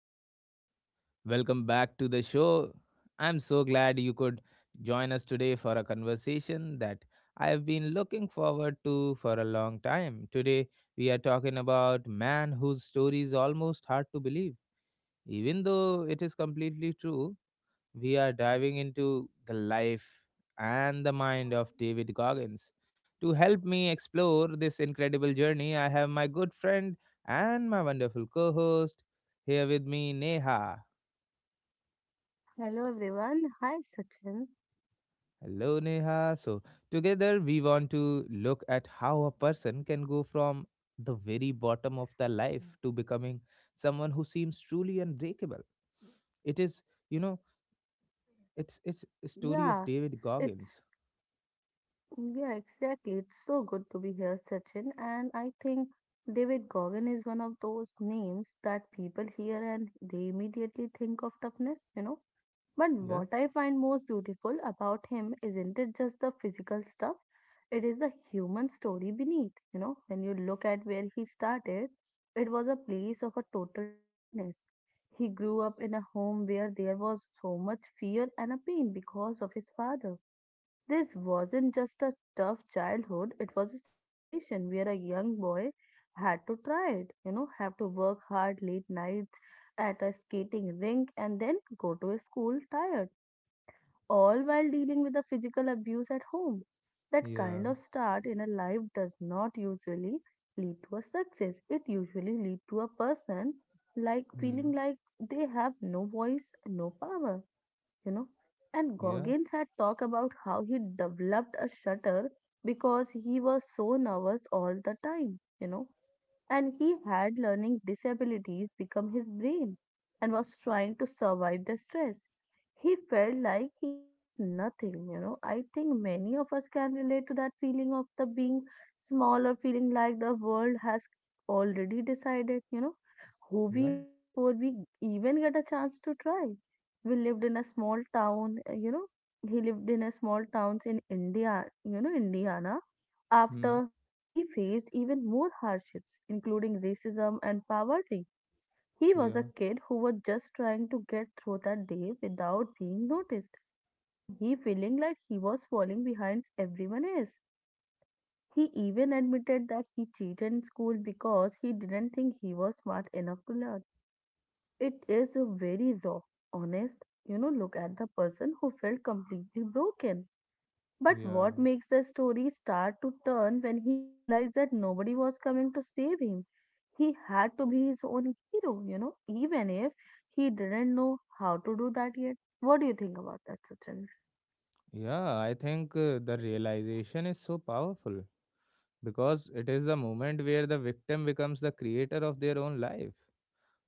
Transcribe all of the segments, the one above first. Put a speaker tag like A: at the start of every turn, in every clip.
A: everyone. Welcome back to the show. I'm so glad you could join us today for a conversation that I have been looking forward to for a long time. Today, we are talking about man whose story is almost hard to believe, even though it is completely true we are diving into the life and the mind of
B: Hello
A: David Goggins. To help me explore this incredible journey, I have my good friend and my wonderful co host here with me, Neha.
B: everyone. Hi Sachin.
A: Hello, Neha. So, together we want to look at how a person can go from the very bottom of their life to becoming someone who seems truly unbreakable. It is, you know, it's a story of
B: Yeah,
A: David
B: it's
A: Goggins.
B: yeah, exactly. It's so good to be here, Sachin. And I think David Goggin is one of those names that people hear, and they immediately think of toughness, you know. But
A: Yeah.
B: what I find most beautiful about him isn't it just the physical stuff? It is the human story beneath. You know, when you look at where he started, it was a place of a total darkness. He grew up in a home where there was so much fear and a pain because of his father. This wasn't just a tough childhood, it was a situation where a young boy had to try it, you know, have to work hard late nights at a skating rink and then go to a school tired, all while dealing with the physical abuse at home. That
A: Yeah.
B: kind of start in a life does not usually lead to a success. It usually leads to a person like feeling like they have no voice, no power, you know. And
A: Yeah,
B: Goggins had talked about how he developed a stutter because he was so nervous all the time, you know, and he had learning disabilities become his brain and was trying to survive the stress. He felt like he has nothing, you know. I think many of us can relate to that feeling of the being small or feeling like the world has already decided, you know, who we
A: yeah,
B: are before we even get a chance to try. We lived in a small town, you know, he lived in a small towns in India, you know, Indiana
A: hmm,
B: after he faced even more hardships, including racism and poverty. He was a
A: yeah,
B: kid who was just trying to get through that day without being noticed, and he feeling like he was falling behind everyone else. He even admitted that he cheated in school because he didn't think he was smart enough to learn, you know. It is a very raw, honest, you know, look at the person who felt completely broken, but
A: yeah,
B: what makes the story start to turn when he realized that nobody was coming to save him? He had to be his own hero, you know, even if he didn't know how to do that yet. What do you think about that, Sachin?
A: yeah. I think the realization is so powerful because it is the moment where the victim becomes the creator of their own life.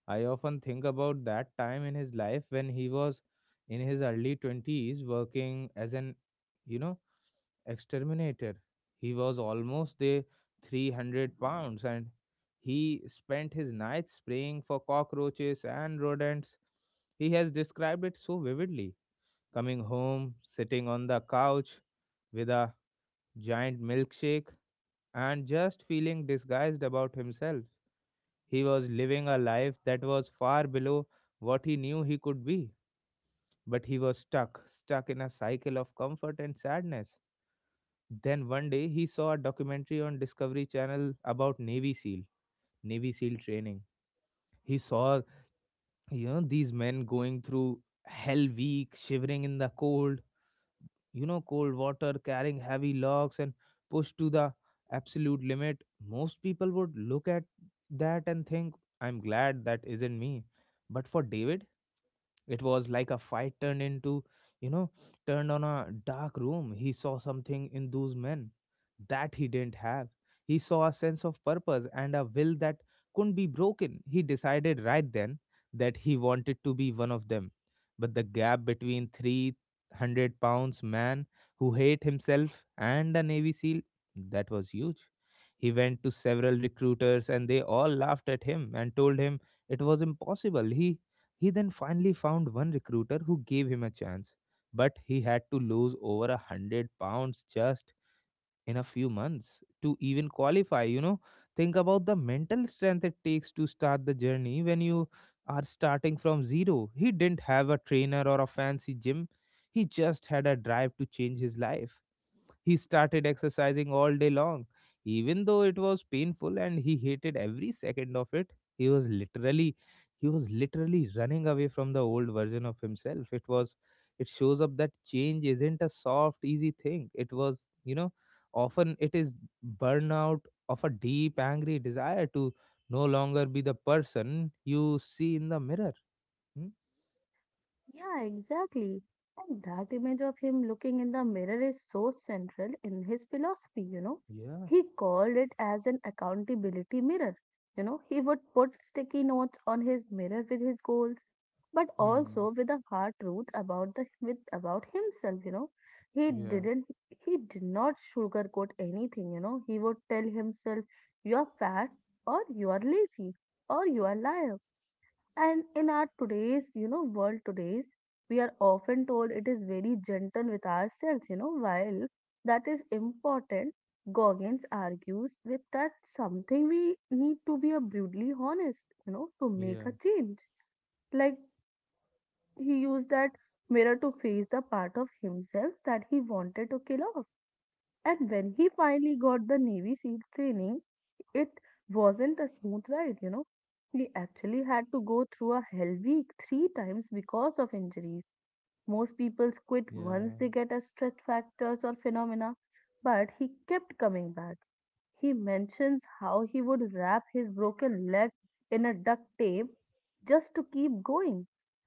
A: I often think about that time in his life when he was in his early 20s working as an, you know, exterminator. He was almost the 300 pounds and he spent his nights spraying for cockroaches and rodents. He has described it so vividly coming home, sitting on the couch with a giant milkshake, and just feeling disguised about himself. He was living a life that was far below what he knew he could be, but he was stuck, stuck in a cycle of comfort and sadness. Then one day he saw a documentary on Discovery Channel about Navy SEAL training. He saw, you know, these men going through hell week, shivering in the cold, you know, cold water, carrying heavy logs, and pushed to the absolute limit, most people would look at that and think, I'm glad that isn't me. But for David, it was like a fight turned into, you know, turned on a dark room. He saw something in those men that he didn't have. He saw a sense of purpose and a will that couldn't be broken. He decided right then that he wanted to be one of them. But the gap between 300 pounds man who hate himself and a Navy SEAL, that was huge. He went to several recruiters and they all laughed at him and told him it was impossible. He then finally found one recruiter who gave him a chance, but he had to lose over 100 pounds just in a few months to even qualify. You know, think about the mental strength it takes to start the journey when you are starting from zero. He didn't have a trainer or a fancy gym, he just had a drive to change his life. He started exercising all day long, even though it was painful and he hated every second of it. He was literally he was literally running away from the old version of himself. It shows up that change isn't a soft, easy thing. It was, you know, often it is burnout of a deep, angry desire to no longer be the person you see in the mirror. Hmm?
B: Yeah, exactly. And that image of him looking in the mirror is so central in his philosophy, you know.
A: Yeah.
B: He called it as an accountability mirror. You know, he would put sticky notes on his mirror with his goals, but
A: Hmm.
B: also with a hard truth about the with about himself, you know. He
A: Yeah.
B: didn't he did not sugarcoat anything, you know. He would tell himself, you are fat or you are lazy or you are liar, and in our today's, you know, world today's, we are often told it is very gentle with ourselves, you know, while that is important, Goggins argues with that something we need to be a brutally honest, you know, to make
A: Yeah.
B: a change. Like, he used that mirror to face the part of himself that he wanted to kill off. And when he finally got the Navy SEAL training, it wasn't a smooth ride, you know. He actually had to go through a hell week three times because of injuries. Most people quit
A: Yeah.
B: once they get a stretch factors or phenomena, but he kept coming back. He mentions how he would wrap his broken leg in a duct tape just to keep going.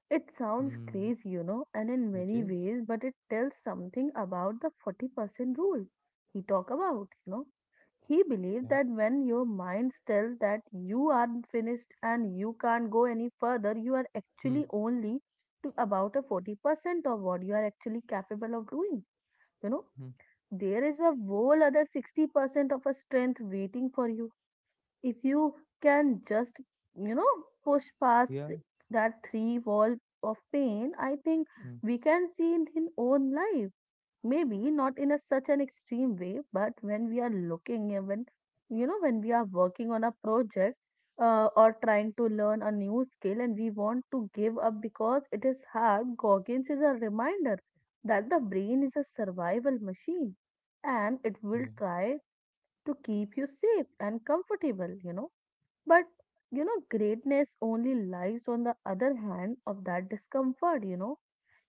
B: It sounds
A: Hmm.
B: crazy, you know, and in
A: It
B: many
A: is.
B: ways, but it tells something about the 40% rule he talk about, you know. He believed
A: Yeah.
B: that when your mind tells that you are finished and you can't go any further, you are
A: Hmm.
B: actually only to about a 40% of what you are actually capable of doing, you know,
A: Mhm.
B: there is a whole other 60% of a strength waiting for you, if you can just, you know, push past
A: Yeah,
B: that three wall of pain. I think
A: mm,
B: we can see in his own life, maybe not in a such an extreme way, but when we are looking even, you know, when we are working on a project, or trying to learn a new skill, and we want to give up because it is hard, Goggins is a reminder that the brain is a survival machine, and it will
A: yeah,
B: try to keep you safe and comfortable, you know. But, you know, greatness only lies on the other hand of that discomfort, you know.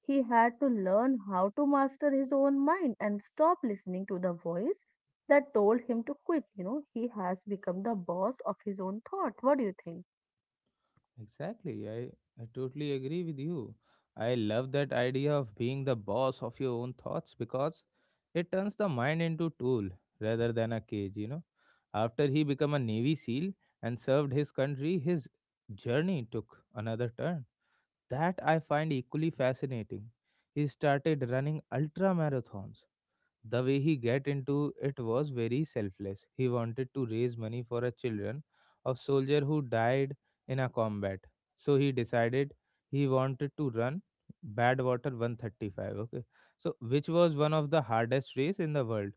B: He had to learn how to master his own mind and stop listening to the voice that told him to quit. You know, he has become the boss of his own thought. What do you think?
A: exactly. I totally agree with you. I love that idea of being the boss of your own thoughts because it turns the mind into tool rather than a cage, you know. After he became a Navy SEAL and served his country, his journey took another turn that I find equally fascinating. He started running ultra marathons. The way he get into it was very selfless. He wanted to raise money for a children of soldier who died in a combat. So he decided he wanted to run Badwater 135. Okay, so which was one of the hardest race in the world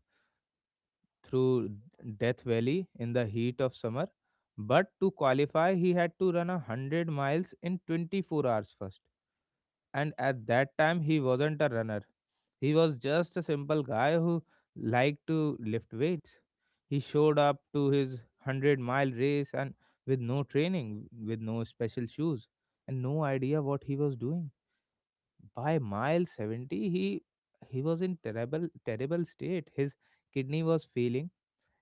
A: through Death Valley in the heat of summer. But to qualify, he had to run a hundred miles in 24 hours first, and at that time he wasn't a runner, he was just a simple guy who liked to lift weights. He showed up to his 100-mile race and with no training, with no special shoes, and no idea what he was doing. By mile 70, he was in terrible terrible state. His kidney was failing,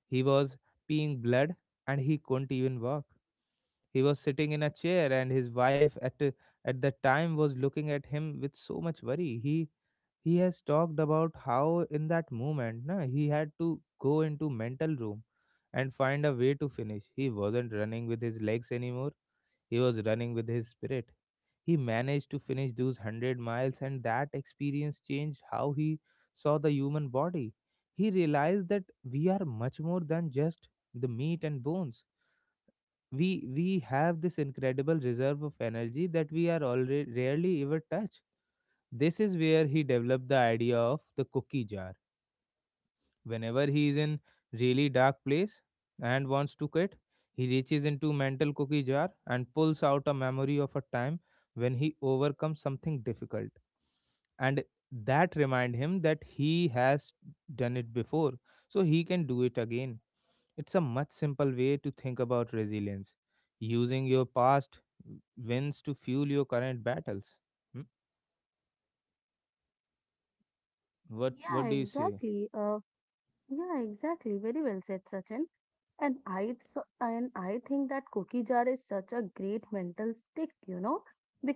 A: he was peeing blood, and he couldn't even walk. He was sitting in a chair, and his wife at that time was looking at him with so much worry. He has talked about how in that moment, na, he had to go into mental room and find a way to finish. He wasn't running with his legs anymore. He was running with his spirit. He managed to finish those 100 miles, and that experience changed how he saw the human body. He realized that we are much more than just the meat and bones. We we have this incredible reserve of energy that we are already rarely ever touch. This is where he developed the idea of the cookie jar. Whenever he is in really dark place and wants to quit, he reaches into mental cookie jar and pulls out a memory of a time when he overcomes something difficult, and that remind him that he has done it before, so he can do it again. It's a much simple way to think about resilience, using your past wins to fuel your current battles. Hmm? what
B: Yeah,
A: what do you say?
B: exactly. Uh, yeah, exactly. Very well said, Sachin. And I so, and I think that cookie jar is such a great mental stick, you know,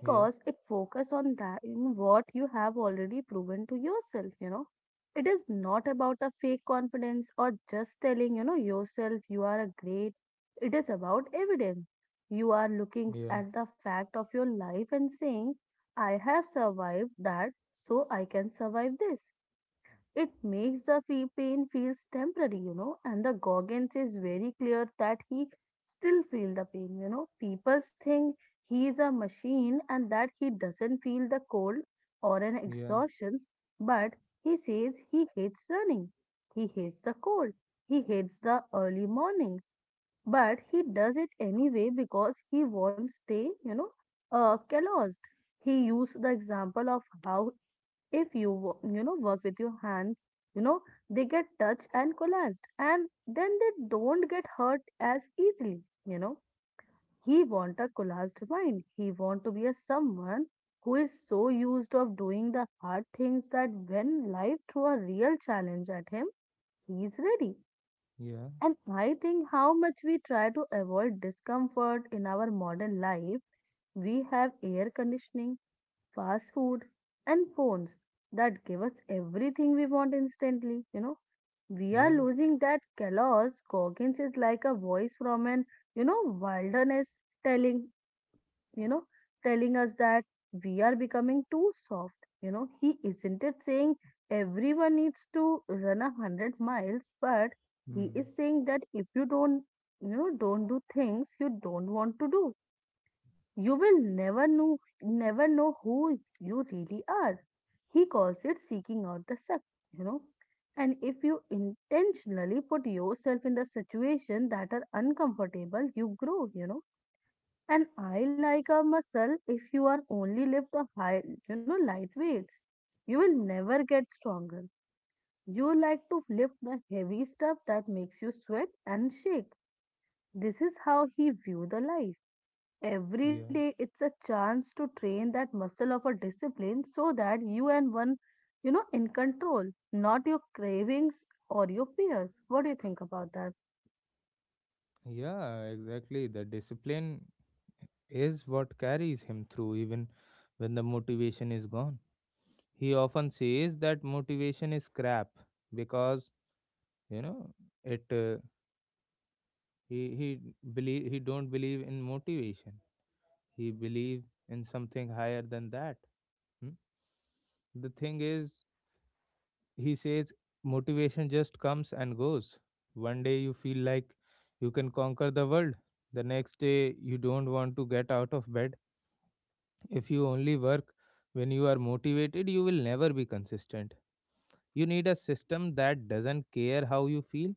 A: Yeah,
B: it focuses on that in what you have already proven to yourself, you know. It is not about a fake confidence or just telling, you know, yourself you are a great. It is about evidence. You are looking
A: yeah,
B: at the fact of your life and saying, I have survived that, so I can survive this. It makes the fee pain feels temporary, you know, and the Goggins is very clear that he still feel the pain, you know. People think he is a machine and that he doesn't feel the cold or an
A: yeah,
B: exhaustion, but he says he hates running. He hates the cold. He hates the early mornings, but he does it anyway because he won't stay, you know, calloused. He used the example of how if you you know work with your hands, you know, they get touched and collapsed, and then they don't get hurt as easily, you know. He want a collapsed mind, he want to be a someone who is so used of doing the hard things that when life throw a real challenge at him, he is ready.
A: yeah,
B: And I think how much we try to avoid discomfort in our modern life, we have air conditioning, fast food, and phones that give us everything we want instantly. You know, we are
A: yeah,
B: losing that Kellogg's. Goggins is like a voice from an, you know, wilderness telling, you know, telling us that we are becoming too soft. You know, he isn't it saying everyone needs to run 100 miles, but he
A: hmm.
B: is saying that if you don't, you know, don't do things you don't want to do, you will never know, never know who you really are. He calls it seeking out the suck, you know. And if you intentionally put yourself in the situation that are uncomfortable, you grow, you know. And I like a muscle, if you are only lift the high, you know, light weights. You will never get stronger. You like to lift the heavy stuff that makes you sweat and shake. This is how he view the life. Every
A: Yeah,
B: day, it's a chance to train that muscle of a discipline so that you and one, you know, in control, not your cravings or your fears. What do you think about that?
A: yeah, exactly. The discipline is what carries him through, even when the motivation is gone. He often says that motivation is crap because you know it. He believe he don't believe in motivation. He believe in something higher than that. Hmm? The thing is, he says motivation just comes and goes. One day you feel like you can conquer the world, the next day you don't want to get out of bed. If you only work when you are motivated, you will never be consistent. You need a system that doesn't care how you feel.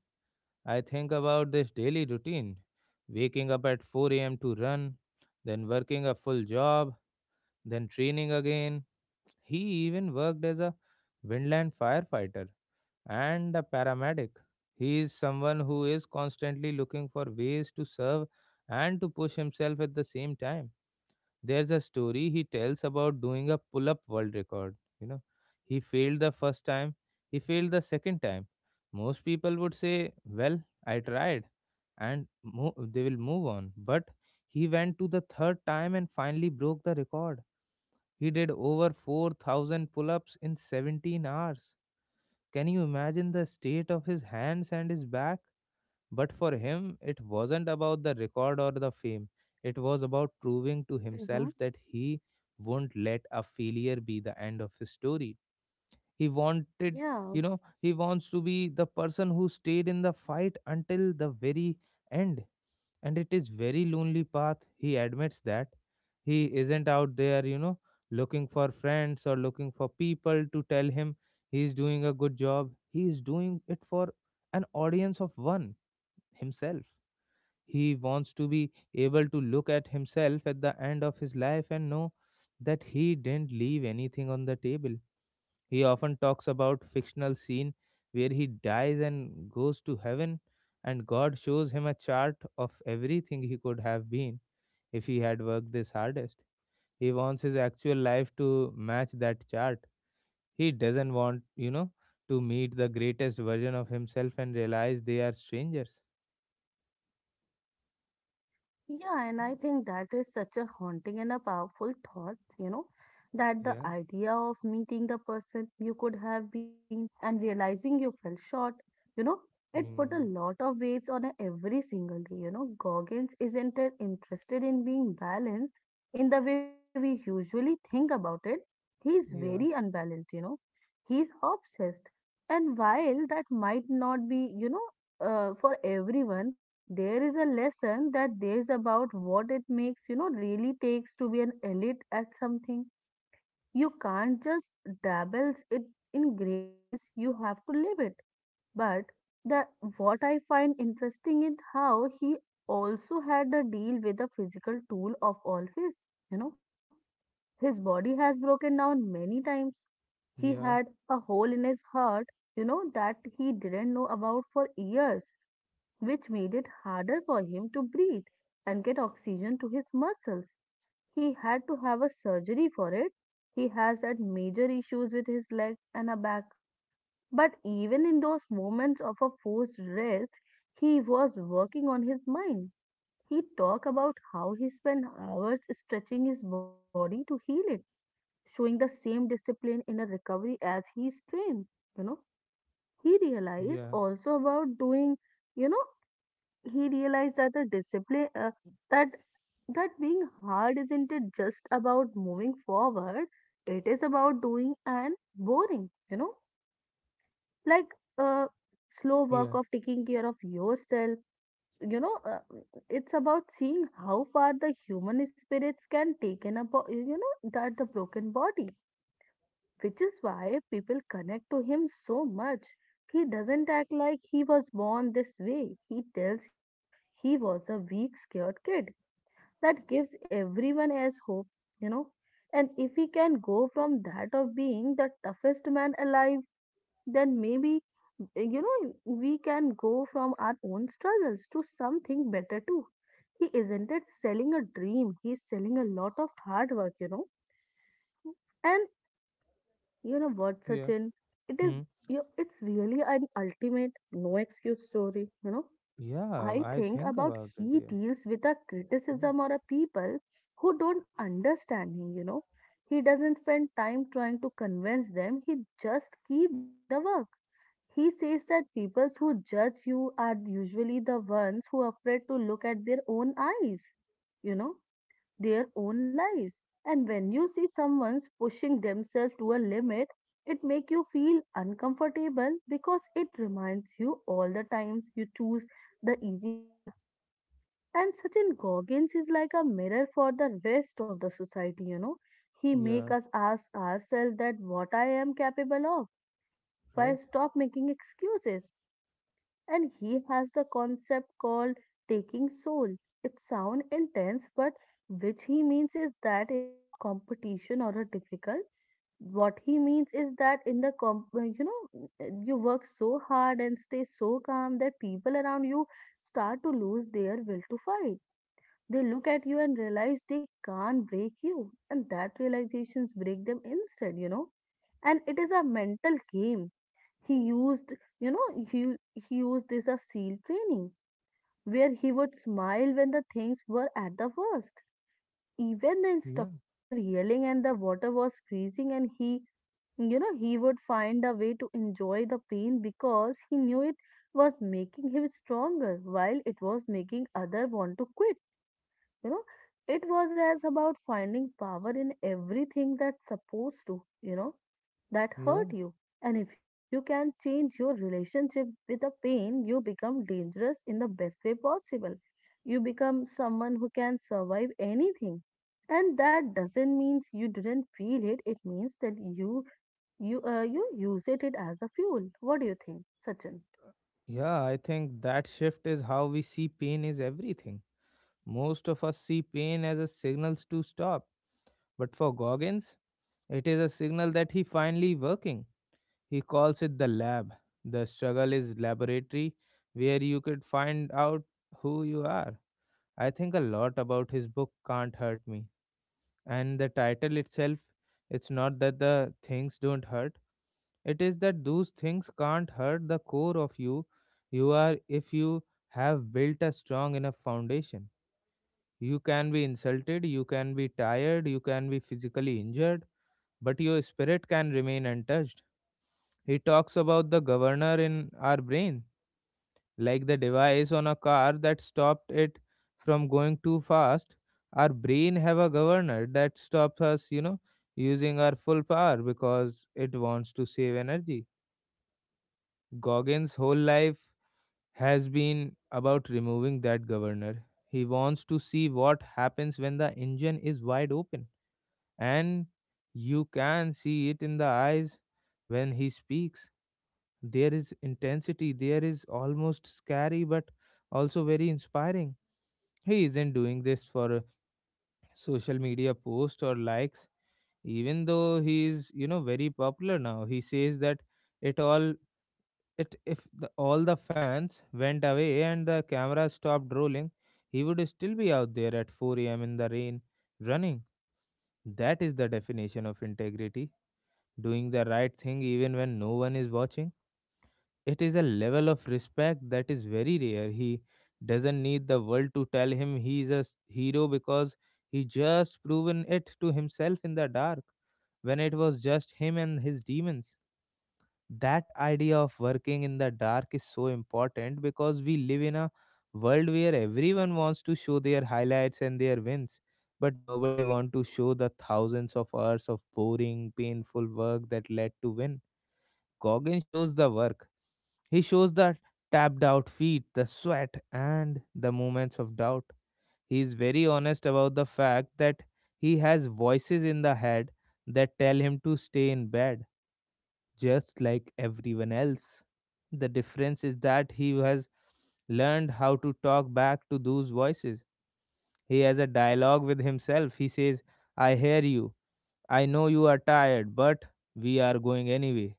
A: I think about this daily routine waking up at 4 a.m. to run, then working a full job, then training again. He even worked as a windland firefighter and a paramedic. He is someone who is constantly looking for ways to serve and to push himself at the same time. There's a story he tells about doing a pull up world record. You know, he failed the first time, he failed the second time. Most people would say, Well, I tried, and they will move on. But he went to the third time and finally broke the record. He did over 4,000 pull ups in 17 hours. Can you imagine the state of his hands and his back? But for him, it wasn't about the record or the fame. It was about proving to himself
B: Mm-hmm.
A: that he won't let a failure be the end of his story. He wanted,
B: Yeah.
A: you know, he wants to be the person who stayed in the fight until the very end. And it is very lonely path. He admits that. He isn't out there, you know, looking for friends or looking for people to tell him he's doing a good job. He is doing it for an audience of one, himself. He wants to be able to look at himself at the end of his life and know that he didn't leave anything on the table. He often talks about fictional scene where he dies and goes to heaven and God shows him a chart of everything he could have been if he had worked this hardest. He wants his actual life to match that chart. He doesn't want, you know, to meet the greatest version of himself and realize they are strangers.
B: Yeah, and I think that is such a haunting and a powerful thought, you know, that the
A: Yeah.
B: idea of meeting the person you could have been and realizing you fell short, you know, it put a
A: Mm.
B: lot of weights on a every single day. You know, Goggins isn't it interested in being balanced in the way we usually think about it. He's very
A: Yeah.
B: unbalanced, you know, he's obsessed. And while that might not be, you know, for everyone, there is a lesson that there is about what it makes you know really takes to be an elite at something. You can't just dabble it in greatness, you have to live it. But the, what I find interesting is how he also had a deal with the physical tool of all his, you know, his body has broken down many times. He
A: Yeah.
B: had a hole in his heart, you know, that he didn't know about for years, which made it harder for him to breathe and get oxygen to his muscles. He had to have a surgery for it. He has had major issues with his legs and a back. But even in those moments of a forced rest, he was working on his mind. He talked about how he spent hours stretching his body to heal it, showing the same discipline in a recovery as he strained. You know, he realized
A: Yeah.
B: also about doing, you know, he realized that the discipline that that being hard isn't it just about moving forward, it is about doing and boring, like uh, slow work of
A: Yeah.
B: taking care of yourself. you know uh, it's about seeing how far the human spirits can take in a bo- you know that the broken body, which is why people connect to him so much. He doesn't act like he was born this way. He tells you he was a weak, scared kid. That gives everyone else hope, you know. And if he can go from that of being the toughest man alive, then maybe, we can go from our own struggles to something better too. He isn't it selling a dream, he's selling a lot of hard work, And you know what,
A: Yeah.
B: Sachin? It
A: Hmm.
B: is it's really an ultimate no excuse story.
A: Yeah.
B: I
A: I
B: think
A: think
B: about
A: about it.
B: he
A: Yeah.
B: deals with a
A: Hmm.
B: criticism or a people who don't understand him. He doesn't spend time trying to convince them. He just keep doing the work. He says that people who judge you are usually the ones who are afraid to look at their own eyes. You know, their own lives. And when you see someone's pushing themselves to a limit, it make you feel uncomfortable because it reminds you all the times you choose the easy path. And Sachin Goggins is like a mirror for the rest of the society, He make
A: Yeah.
B: us ask ourselves that what I am capable of if I
A: Right.
B: stop making excuses, and he has the concept called taking soul. It sounds intense, but which he means is that in a competition or a difficult, what he means is that in the comp, you know, you work so hard and stay so calm that people around you start to lose their will to fight. They look at you and realize they can't break you, and that realizations break them instead, and it is a mental game he used. He used this as SEAL training, where he would smile when the things were at the worst. Even the
A: Yeah.
B: instructor were yelling and the water was freezing, and he would find a way to enjoy the pain because he knew it was making him stronger while it was making other want to quit. You know, it was as about finding power in everything that's supposed to, that
A: Yeah.
B: hurt you. And if you can change your relationship with a pain, you become dangerous in the best way possible. You become someone who can survive anything. And that doesn't mean you didn't feel it. It means that you use it as a fuel. What do you think, Sachin?
A: Yeah, I think that shift is how we see pain is everything. Most of us see pain as a signal to stop, but for Goggins, it is a signal that he finally working. He calls it the lab. The struggle is laboratory where you could find out who you are. I think a lot about his book Can't Hurt Me, and the title itself, it's not that the things don't hurt, it is that those things can't hurt the core of you. You are, if you have built a strong enough foundation, you can be insulted, you can be tired, you can be physically injured, but your spirit can remain untouched. He talks about the governor in our brain, like the device on a car that stopped it from going too fast. Our brain have a governor that stops us, you know, using our full power because it wants to save energy. Goggins whole life has been about removing that governor. He wants to see what happens when the engine is wide open. And you can see it in the eyes when he speaks. There is intensity, there is almost scary, but also very inspiring. He isn't doing this for a social media posts or likes, even though he is, you know, very popular now. He says that it all it if the, all the fans went away and the camera stopped rolling, he would still be out there at 4 a.m. in the rain running. That is the definition of integrity, doing the right thing even when no one is watching. It is a level of respect that is very rare. He doesn't need the world to tell him he is a hero because he just proven it to himself in the dark when it was just him and his demons. That idea of working in the dark is so important because we live in a world where everyone wants to show their highlights and their wins, but nobody wants to show the thousands of hours of boring, painful work that led to win. Goggin shows the work. He shows the tapped out feet, the sweat, and the moments of doubt. He is very honest about the fact that he has voices in the head that tell him to stay in bed, just like everyone else. The difference is that he has learned how to talk back to those voices. He has a dialogue with himself. He says, I hear you. I know you are tired, but we are going anyway.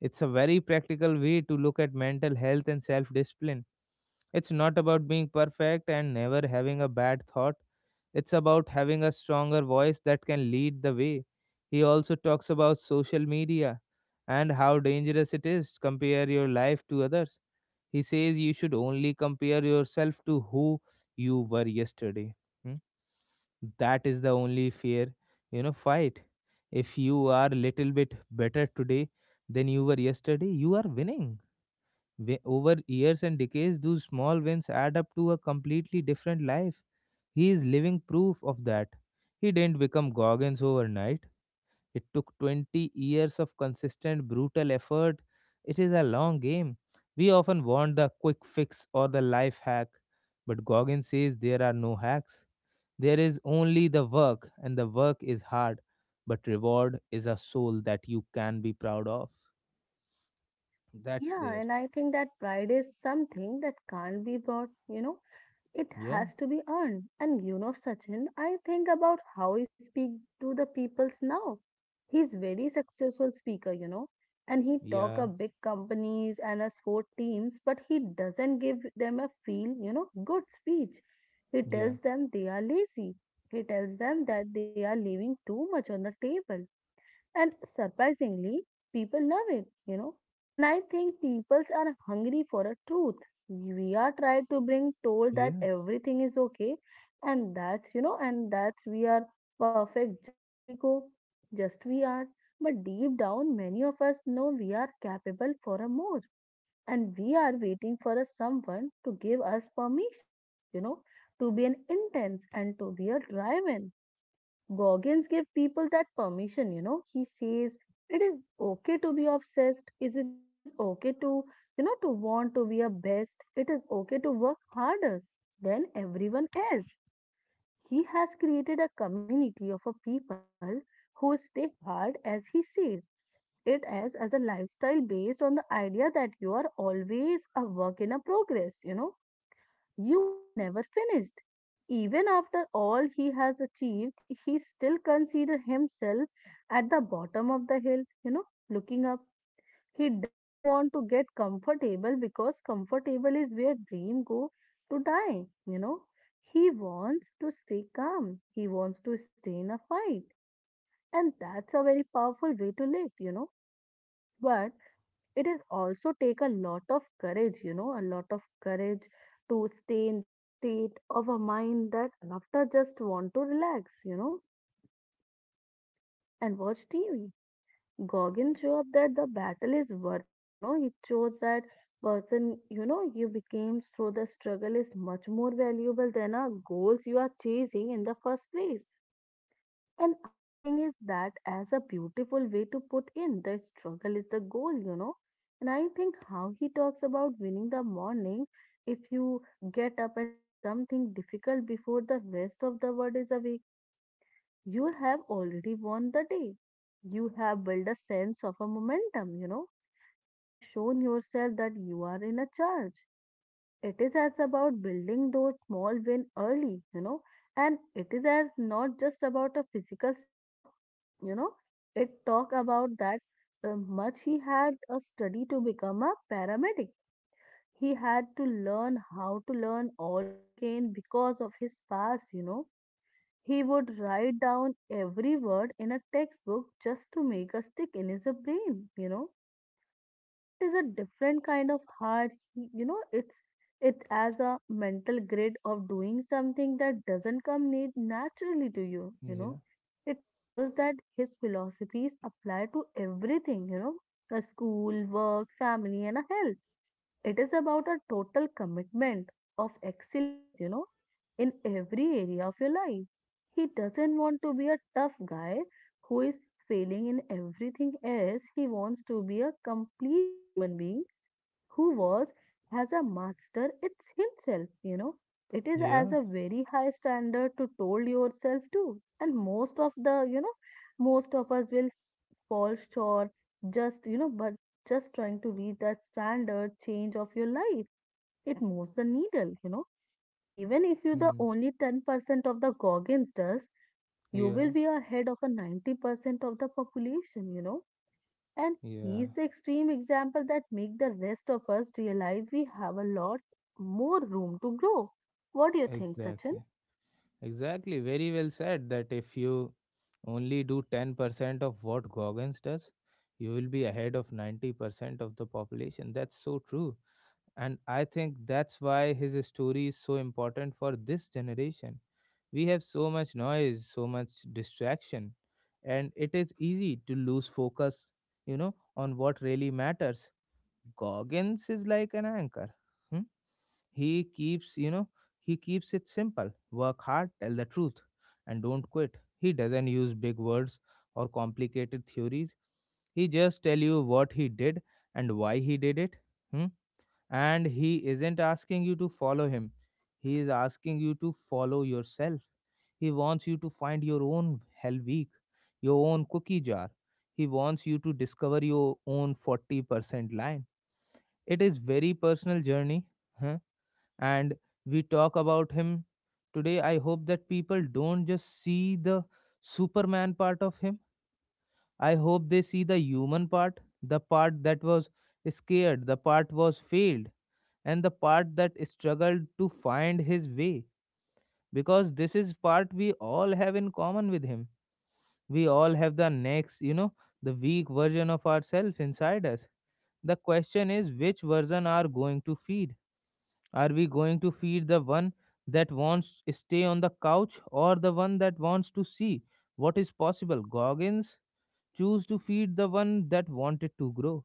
A: It's a very practical way to look at mental health and self discipline. It's not about being perfect and never having a bad thought. It's about having a stronger voice that can lead the way. He also talks about social media and how dangerous it is compare your life to others. He says you should only compare yourself to who you were yesterday. Hmm? That is the only fair, you know, fight. If you are a little bit better today then you were yesterday, you are winning. Over years and decades, those small wins add up to a completely different life. He is living proof of that. He didn't become Goggins overnight. It took 20 years of consistent, brutal effort. It is a long game. We often want the quick fix or the life hack, but Goggins says there are no hacks. There is only the work, and the work is hard, but reward is a soul that you can be proud of that's
B: Yeah,
A: there.
B: and I think that pride is something that can't be bought, It
A: Yeah,
B: has to be earned. And you know, Sachin, I think about how he speak to the peoples now. He's very successful speaker, and he talk
A: yeah,
B: of big companies and us sport teams, but he doesn't give them a feel, good speech. He
A: yeah,
B: tells them they are lazy. He tells them that they are leaving too much on the table. And surprisingly, people love it, And I think people are hungry for a truth. We are tried to bring told that
A: yeah,
B: everything is okay, and that's we are perfect, just we go, just we are. But deep down, many of us know we are capable for a more, and we are waiting for a someone to give us permission, you know, to be an intense and to be a driven. Goggins give people that permission, He says it is okay to be obsessed. Is it it is okay to, to want to be a best. It is okay to work harder than everyone else. He has created a community of a people who stay hard as he says. It as a lifestyle based on the idea that you are always a work in a progress, you are never finished. Even after all he has achieved, he still considers himself at the bottom of the hill, looking up. He doesn't want to get comfortable because comfortable is where dream go to die, He wants to stay calm. He wants to stay in a fight. And that's a very powerful way to live, But it is also take a lot of courage, a lot of courage to stay in that state of a mind that after just want to relax, and watch tv. Gorgon show that the battle is worth it, he shows that person, you became through the struggle is much more valuable than a goals you are chasing in the first place. And I think is that as a beautiful way to put in the struggle is the goal, And I think how he talks about winning the morning, if you get up and do something difficult before the rest of the world is awake, you have already won the day. You have built a sense of a momentum, you know. You have shown yourself that you are in a charge. It is as about building those small win early, and it is as not just about a physical stuff, you know it talk about that much he had a study to become a paramedic. He had to learn how to learn all over again because of his past, he would write down every word in a textbook just to make a stick in his brain, that is a different kind of hard, it's as a mental grid of doing something that doesn't come need naturally to you, you know
A: yeah,
B: it shows that his philosophies apply to everything, the school work family and a health. It is about a total commitment of excellence, in every area of your life. He doesn't want to be a tough guy who is failing in everything else. He wants to be a complete human being who was as a master it's himself, it is as
A: yeah.
B: a very high standard to told yourself too, and most of the most of us will fall short, just you know but just trying to reach that standard change of your life. It moves the needle, even if you the
A: Mm.
B: only 10% of the Goggins does, you
A: Yeah,
B: will be ahead of a 90% of the population, and
A: yeah,
B: he's the extreme example that make the rest of us realize we have a lot more room to grow. What do you think, Sachin?
A: exactly. Exactly. Very well said that if you only do 10% of what Goggins does, you will be ahead of 90% of the population. That's so true. And I think that's why his story is so important for this generation. We have so much noise, so much distraction, and it is easy to lose focus, you know, on what really matters. Goggins is like an anchor. Hmm? He keeps, you know, he keeps it simple. Work hard, tell the truth, and don't quit. He doesn't use big words or complicated theories. He just tell you what he did and why he did it. Hmm. And he isn't asking you to follow him, he is asking you to follow yourself. He wants you to find your own hell week, your own cookie jar. He wants you to discover your own 40% line. It is very personal journey, huh? And we talk about him today. I hope that people don't just see the Superman part of him. I hope they see the human part, the part that was scared, the part was failed, and the part that struggled to find his way. Because this is part we all have in common with him. We all have the next, you know, the weak version of ourselves inside us. The question is which version are going to feed? Are we going to feed the one that wants to stay on the couch or the one that wants to see what is possible? Goggins choose to feed the one that wanted to grow.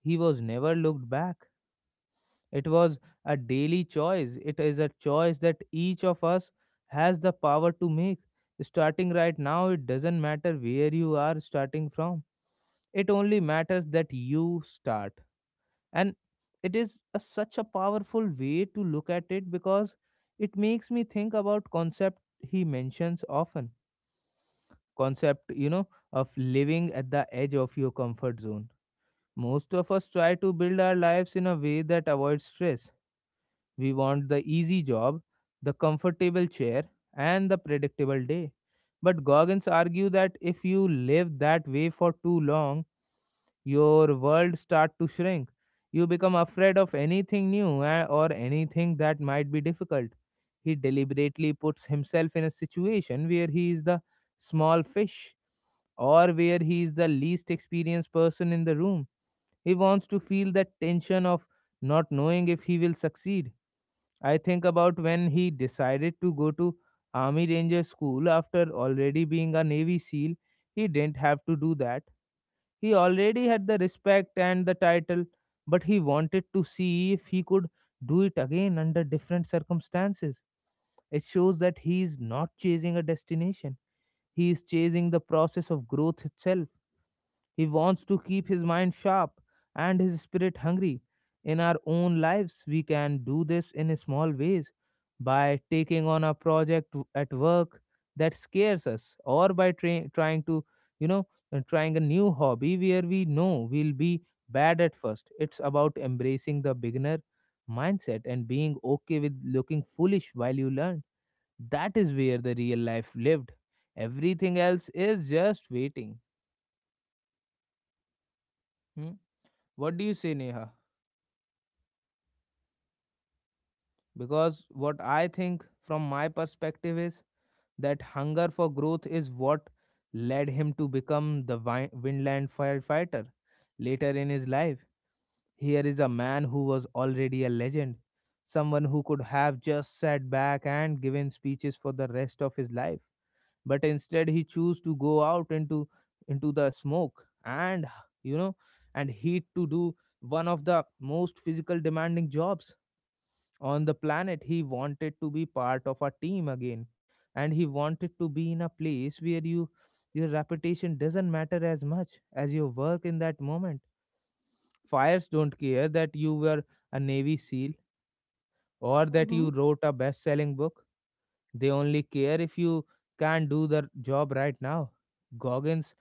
A: He was never looked back. It was a daily choice. It is a choice that each of us has the power to make. Starting right now, it doesn't matter where you are starting from. It only matters that you start. And such a powerful way to look at it because it makes me think about concept he mentions often, concept, you know, of living at the edge of your comfort zone. Most of us try to build our lives in a way that avoids stress. We want the easy job, the comfortable chair, and the predictable day. But Goggins argue that if you live that way for too long, your world start to shrink. You become afraid of anything new, or anything that might be difficult. He deliberately puts himself in a situation where he is the small fish or where he is the least experienced person in the room. He wants to feel that tension of not knowing if he will succeed. I think about when he decided to go to Army Ranger School after already being a Navy SEAL. He didn't have to do that. He already had the respect and the title, but he wanted to see if he could do it again under different circumstances. It shows that he is not chasing a destination, he is chasing the process of growth itself. He wants to keep his mind sharp and his spirit hungry. In our own lives, we can do this in small ways by taking on a project at work that scares us, or by trying to, trying a new hobby where we know we'll be bad at first. It's about embracing the beginner mindset and being okay with looking foolish while you learn. That is where the real life lived. Everything else is just waiting. Hmm. What do you say, Neha? Because what I think from my perspective is that hunger for growth is what led him to become the Windland firefighter. Later in his life, here is a man who was already a legend, someone who could have just sat back and given speeches for the rest of his life. But instead, he chose to go out into the smoke and, you know heat to do one of the most physical demanding jobs on the planet. He wanted to be part of a team again, and he wanted to be in a place where you, your reputation doesn't matter as much as your work in that moment. Fires don't care that you were a Navy SEAL or that
B: Mm-hmm.
A: you wrote a best-selling book. They only care if you can do the job right now. Goggins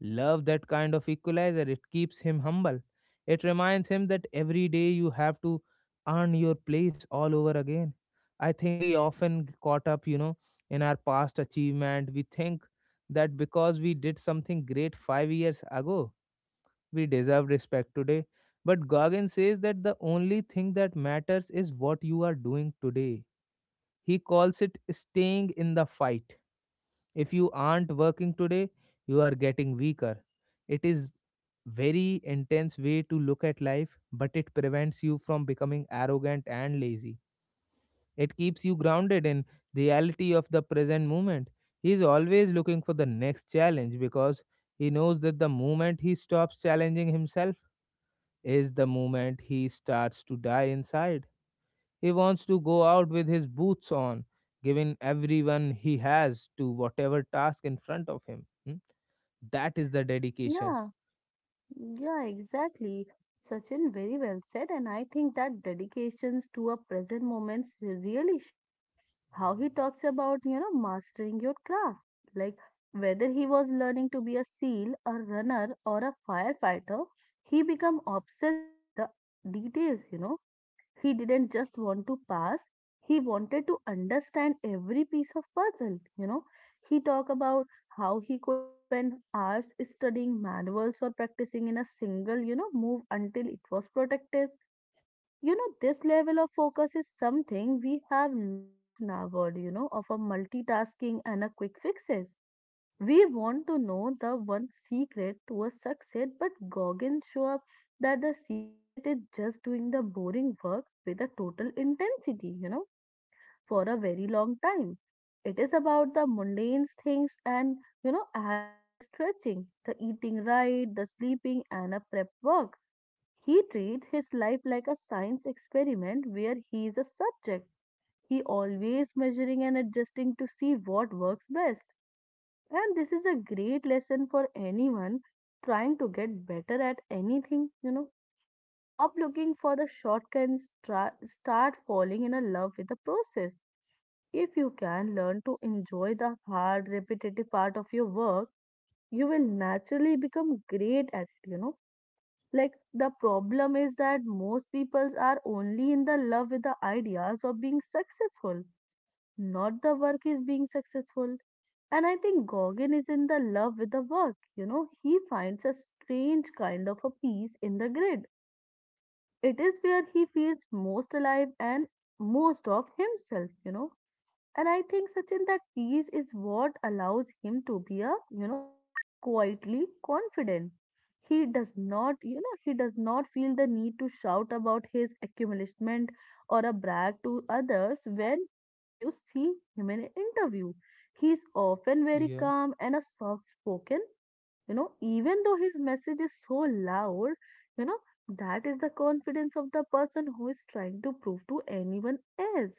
A: love that kind of equalizer. It keeps him humble. It reminds him that every day you have to earn your place all over again. I think we often caught up, you know, in our past achievement. We think that because we did something great 5 years ago, we deserve respect today. But Goggin says that the only thing that matters is what you are doing today. He calls it staying in the fight. If you aren't working today, you are getting weaker. It is very intense way to look at life, but it prevents you from becoming arrogant and lazy. It keeps you grounded in reality of the present moment. He is always looking for the next challenge because he knows that the moment he stops challenging himself is the moment he starts to die inside. He wants to go out with his boots on, giving everyone he has to whatever task in front of him. Hmm? That is the dedication.
B: Yeah, yeah, exactly. Sachin, very well said. And I think that dedications to a present moments really show it how he talks about, mastering your craft. Like whether he was learning to be a seal, a runner, or a firefighter, he become obsessed with the details, He didn't just want to pass, he wanted to understand every piece of puzzle, He talked about how he could spend hours studying manuals or practicing in a single, move until it was protected. This level of focus is something we have lost in our world, of a multitasking and a quick fixes. We want to know the one secret to a success, but Goggins show up that the secret is just doing the boring work with a total intensity, for a very long time. It is about the mundane things and, add the stretching, the eating right, the sleeping, and a prep work. He treats his life like a science experiment where he is a subject. He always measuring and adjusting to see what works best, and this is a great lesson for anyone trying to get better at anything, Stop looking for the shortcuts, try, start falling in a love with the process. If you can learn to enjoy the hard, repetitive part of your work, you will naturally become great at it, Like the problem is that most people are only in the love with the ideas of being successful, not the work is being successful. And I think Gauguin is in the love with the work. He finds a strange kind of a peace in the grid. It is where he feels most alive and most of himself, And I think, Sachin, that peace is what allows him to be a, quietly confident. He does not feel the need to shout about his accomplishment or a brag to others. When you see him in an interview, he is often very
A: Yeah,
B: calm and a soft spoken, even though his message is so loud, you know, that is the confidence of the person who is trying to prove to anyone else.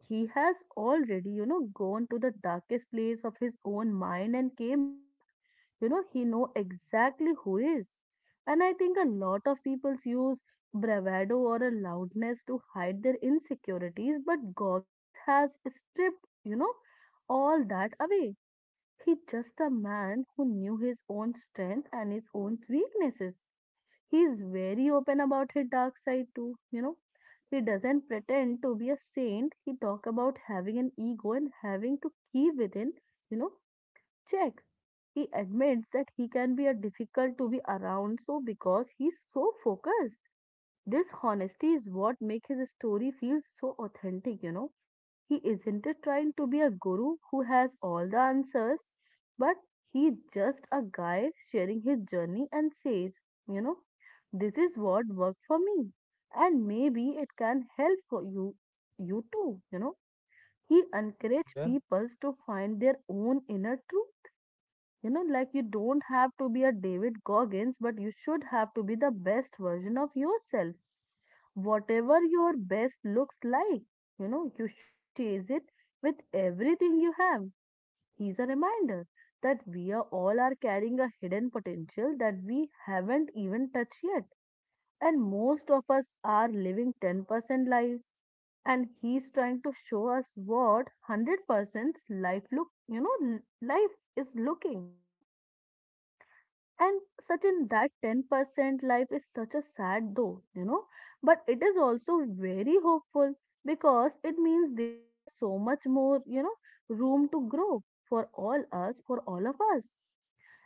B: He has already, gone to the darkest place of his own mind and came back. He know exactly who is. And I think a lot of people use bravado or a loudness to hide their insecurities, but Goggins has stripped, all that away. He's just a man who knew his own strength and his own weaknesses. He's very open about his dark side too. He doesn't pretend to be a saint. He talk about having an ego and having to keep within, you know, checks. He admits that he can be a difficult to be around so because he's so focused. This honesty is what makes his story feel so authentic. He isn't trying to be a guru who has all the answers, but he's just a guy sharing his journey and says, you know, this is what worked for me and maybe it can help for you you too. He encourages
A: yeah,
B: people to find their own inner truth. Like you don't have to be a David Goggins, but you should have to be the best version of yourself, whatever your best looks like. You should chase it with everything you have. He's a reminder that we are all are carrying a hidden potential that we haven't even touched yet. And most of us are living 10% lives, and he's trying to show us what 100% life look, you know, l- life is looking, and such in that 10% life is such a sad though, but it is also very hopeful because it means there is a so much more, room to grow for all us, for all of us.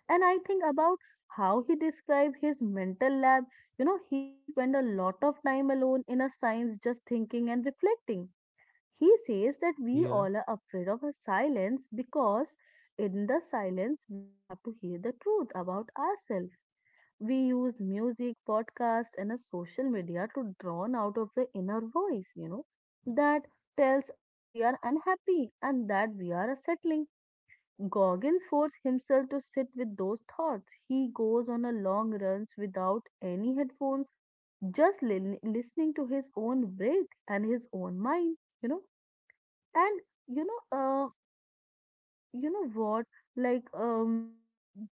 B: And I think about how he described his mental lab, he spent a lot of time alone in a science just thinking and reflecting. He says that we
A: yeah,
B: all are afraid of a silence because in the silence we have to hear the truth about ourselves. We use music, podcast, and a social media to drown out of the inner voice, that tells us we are unhappy and that we are settling. Goggins forces himself to sit with those thoughts. He goes on a long runs without any headphones, just listening to his own breath and his own mind, you know. And you know, uh, you know what like um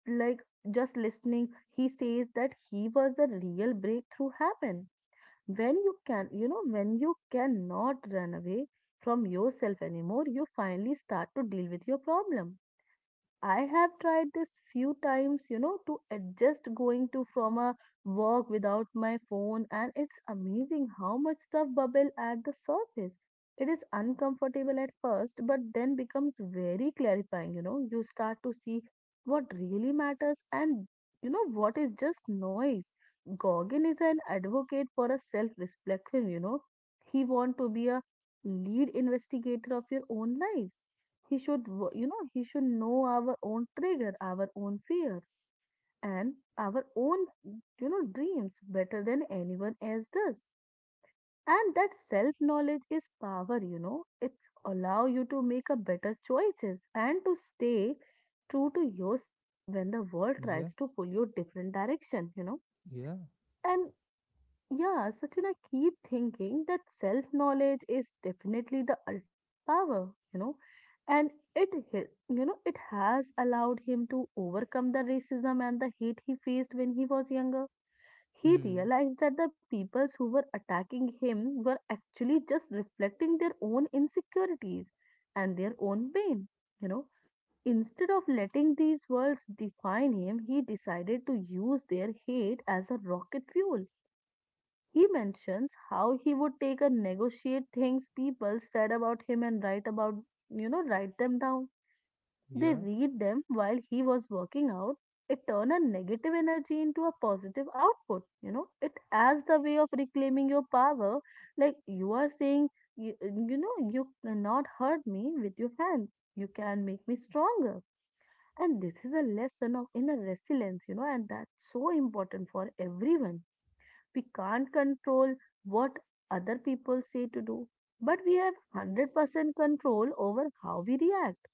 B: like Just listening, he says that he was the real breakthrough happen when you cannot run away from yourself anymore, you finally start to deal with your problem. I have tried this few times, to adjust going to from a walk without my phone, and it's amazing how much stuff bubble at the surface. It is uncomfortable at first, but then becomes very clarifying, you know. You start to see what really matters and what is just noise. Gorgon is an advocate for a self-reflection. He want to be a lead investigator of your own lives. He should know our own trigger, our own fear, and our own dreams better than anyone else does. And that self knowledge is power. It's allow you to make a better choices and to stay true to yourself when the world
A: yeah,
B: tries to pull you different direction.
A: yeah.
B: And yeah, Sachin, I keep thinking that self knowledge is definitely the ultimate power, and it, hi- you know, it has allowed him to overcome the racism and the hate he faced when he was younger. He
A: Hmm.
B: realized that the peoples who were attacking him were actually just reflecting their own insecurities and their own pain, you know. Instead of letting these words define him, he decided to use their hate as a rocket fuel. He mentions how he would take and negotiate things people said about him and write about, write them down. They
A: Yeah,
B: read them while he was working out. It turned a negative energy into a positive output. It as the way of reclaiming your power. Like you are saying, you cannot hurt me with your hands. You can make me stronger. And this is a lesson of inner resilience, and that's so important for everyone. We can't control what other people say to do, but we have 100% control over how we react.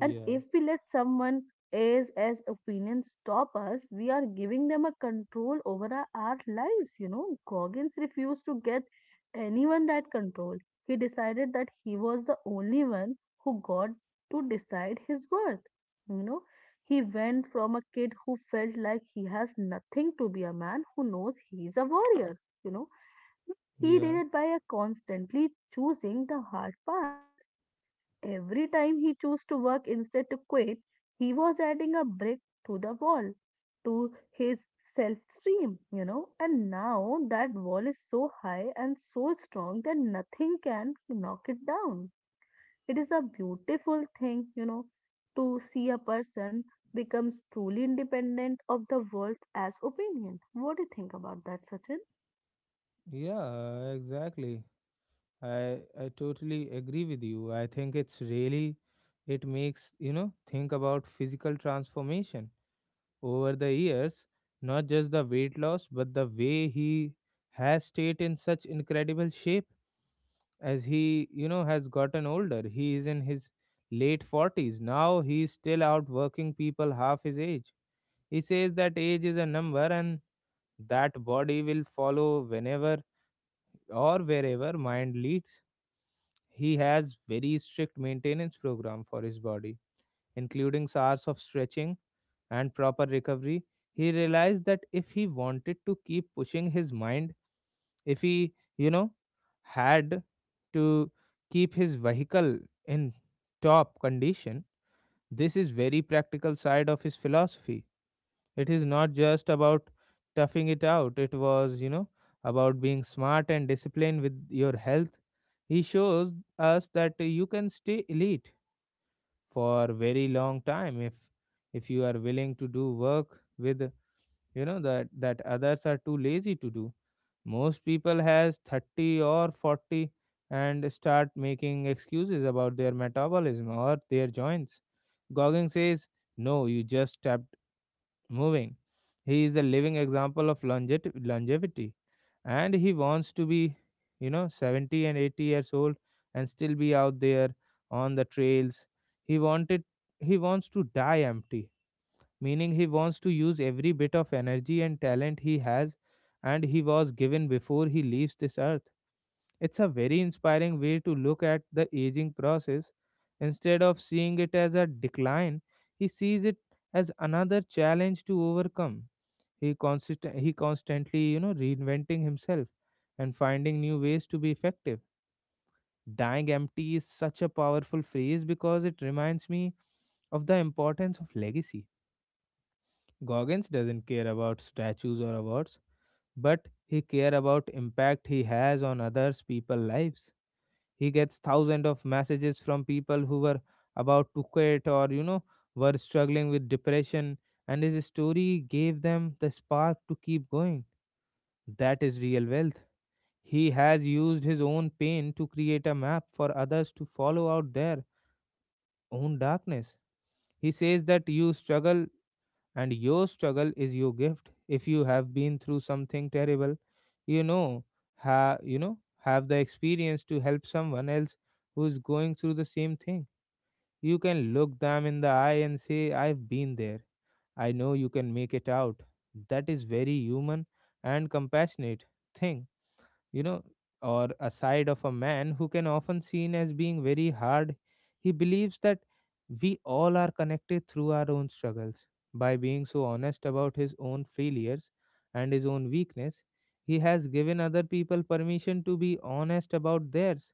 B: And if we let someone else's opinion stop us, we are giving them a control over our lives. You know, Goggins refused to get anyone that control. He decided that he was the only one who got to decide his worth. You know, he went from a kid who felt like he has nothing to be a man who knows he is a warrior. You know, he
A: yeah,
B: did it by a constantly choosing the hard path. Every time he chose to work instead to quit, he was adding a brick to the wall, to his self esteem, you know. And now that wall is so high and so strong that nothing can knock it down. It is a beautiful thing, to see a person becomes truly independent of the world as opinion. What do you think about that, Sachin?
A: yeah. Exactly. I totally agree with you. I think it makes think about physical transformation over the years, not just the weight loss, but the way he has stayed in such incredible shape as he, you know, has gotten older. He is in his late 40s. Now he is still out working people half his age. He says that age is a number and that body will follow whenever or wherever mind leads. He has very strict maintenance program for his body, including hours of stretching and proper recovery, he realized that if he wanted to keep pushing his mind, if he, you know, had to keep his vehicle in top condition, this is very practical side of his philosophy. It is not just about toughing it out. It was, you know, about being smart and disciplined with your health. He shows us that you can stay elite for a very long time if you are willing to do work with that others are too lazy to do. Most people has 30 or 40 and start making excuses about their metabolism or their joints. Gogging says no, you just stopped moving. He is a living example of longevity, and he wants to be, you know, 70 and 80 years old and still be out there on the trails. he wanted he wants to die empty, meaning he wants to use every bit of energy and talent he has and he was given before he leaves this earth. It's a very inspiring way to look at the aging process. Instead of seeing it as a decline, he sees it as another challenge to overcome. He constantly, reinventing himself and finding new ways to be effective. Dying empty is such a powerful phrase because it reminds me of the importance of legacy. Goggins doesn't care about statues or awards, but he cares about impact he has on others people lives. He gets thousands of messages from people who were about to quit or were struggling with depression, and his story gave them the spark to keep going. That is real wealth. He has used his own pain to create a map for others to follow out their own darkness. He says that you struggle and your struggle is your gift. If you have been through something terrible, you know ha you know have the experience to help someone else who is going through the same thing. You can look them in the eye and say, I've been there, I know you can make it out. That is very human and compassionate thing you know, or a side of a man who can often seen as being very hard. He believes that we all are connected through our own struggles. By being so honest about his own failures and his own weakness, he has given other people permission to be honest about theirs.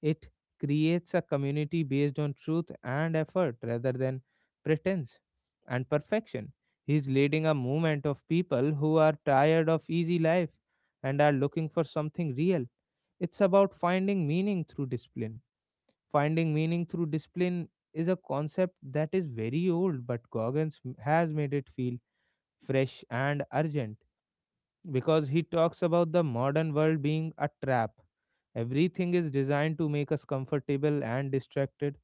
A: It creates a community based on truth and effort rather than pretense and perfection. He's leading a movement of people who are tired of easy life and are looking for something real. It's about finding meaning through discipline. Finding meaning through discipline is a concept that is very old, but has made it feel fresh and urgent because he talks about the modern world being a trap. Everything is designed to make us comfortable and distracted.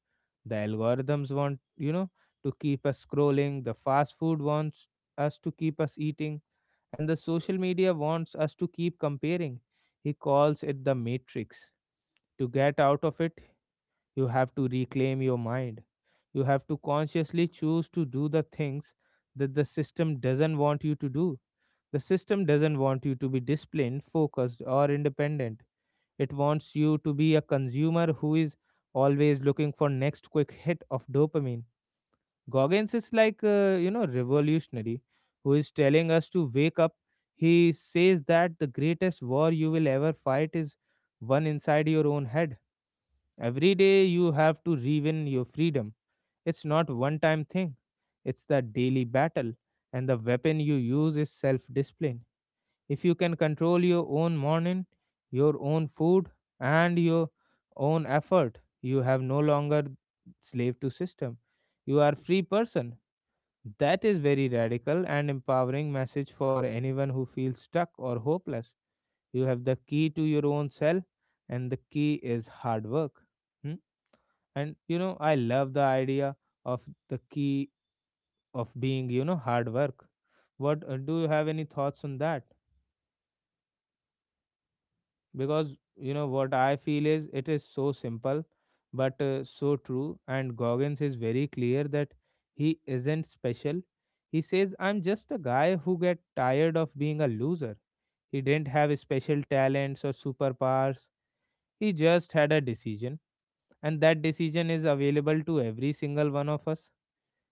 A: The algorithms want, to keep us scrolling, the fast food wants us to keep us eating, and the social media wants us to keep comparing. He calls it the matrix. To get out of it, you have to reclaim your mind. You have to consciously choose to do the things that the system doesn't want you to do. The system doesn't want you to be disciplined, focused, or independent. It wants you to be a consumer who is always looking for next quick hit of dopamine. Goggins is like, revolutionary who is telling us to wake up. He says that the greatest war you will ever fight is one inside your own head. Every day you have to rewin your freedom. It's not one time thing. It's the daily battle, and the weapon you use is self discipline. If you can control your own morning, your own food, and your own effort, you have no longer slave to system. You are free person. That is very radical and empowering message for anyone who feels stuck or hopeless. You have the key to your own self, and the key is hard work. Hmm? And I love the idea of the key of being, hard work. What do you have any thoughts on that? Because what I feel is it is so simple but so true. And Goggins is very clear that he isn't special. He says, I'm just a guy who get tired of being a loser. He didn't have special talents or superpowers. He just had a decision, and that decision is available to every single one of us.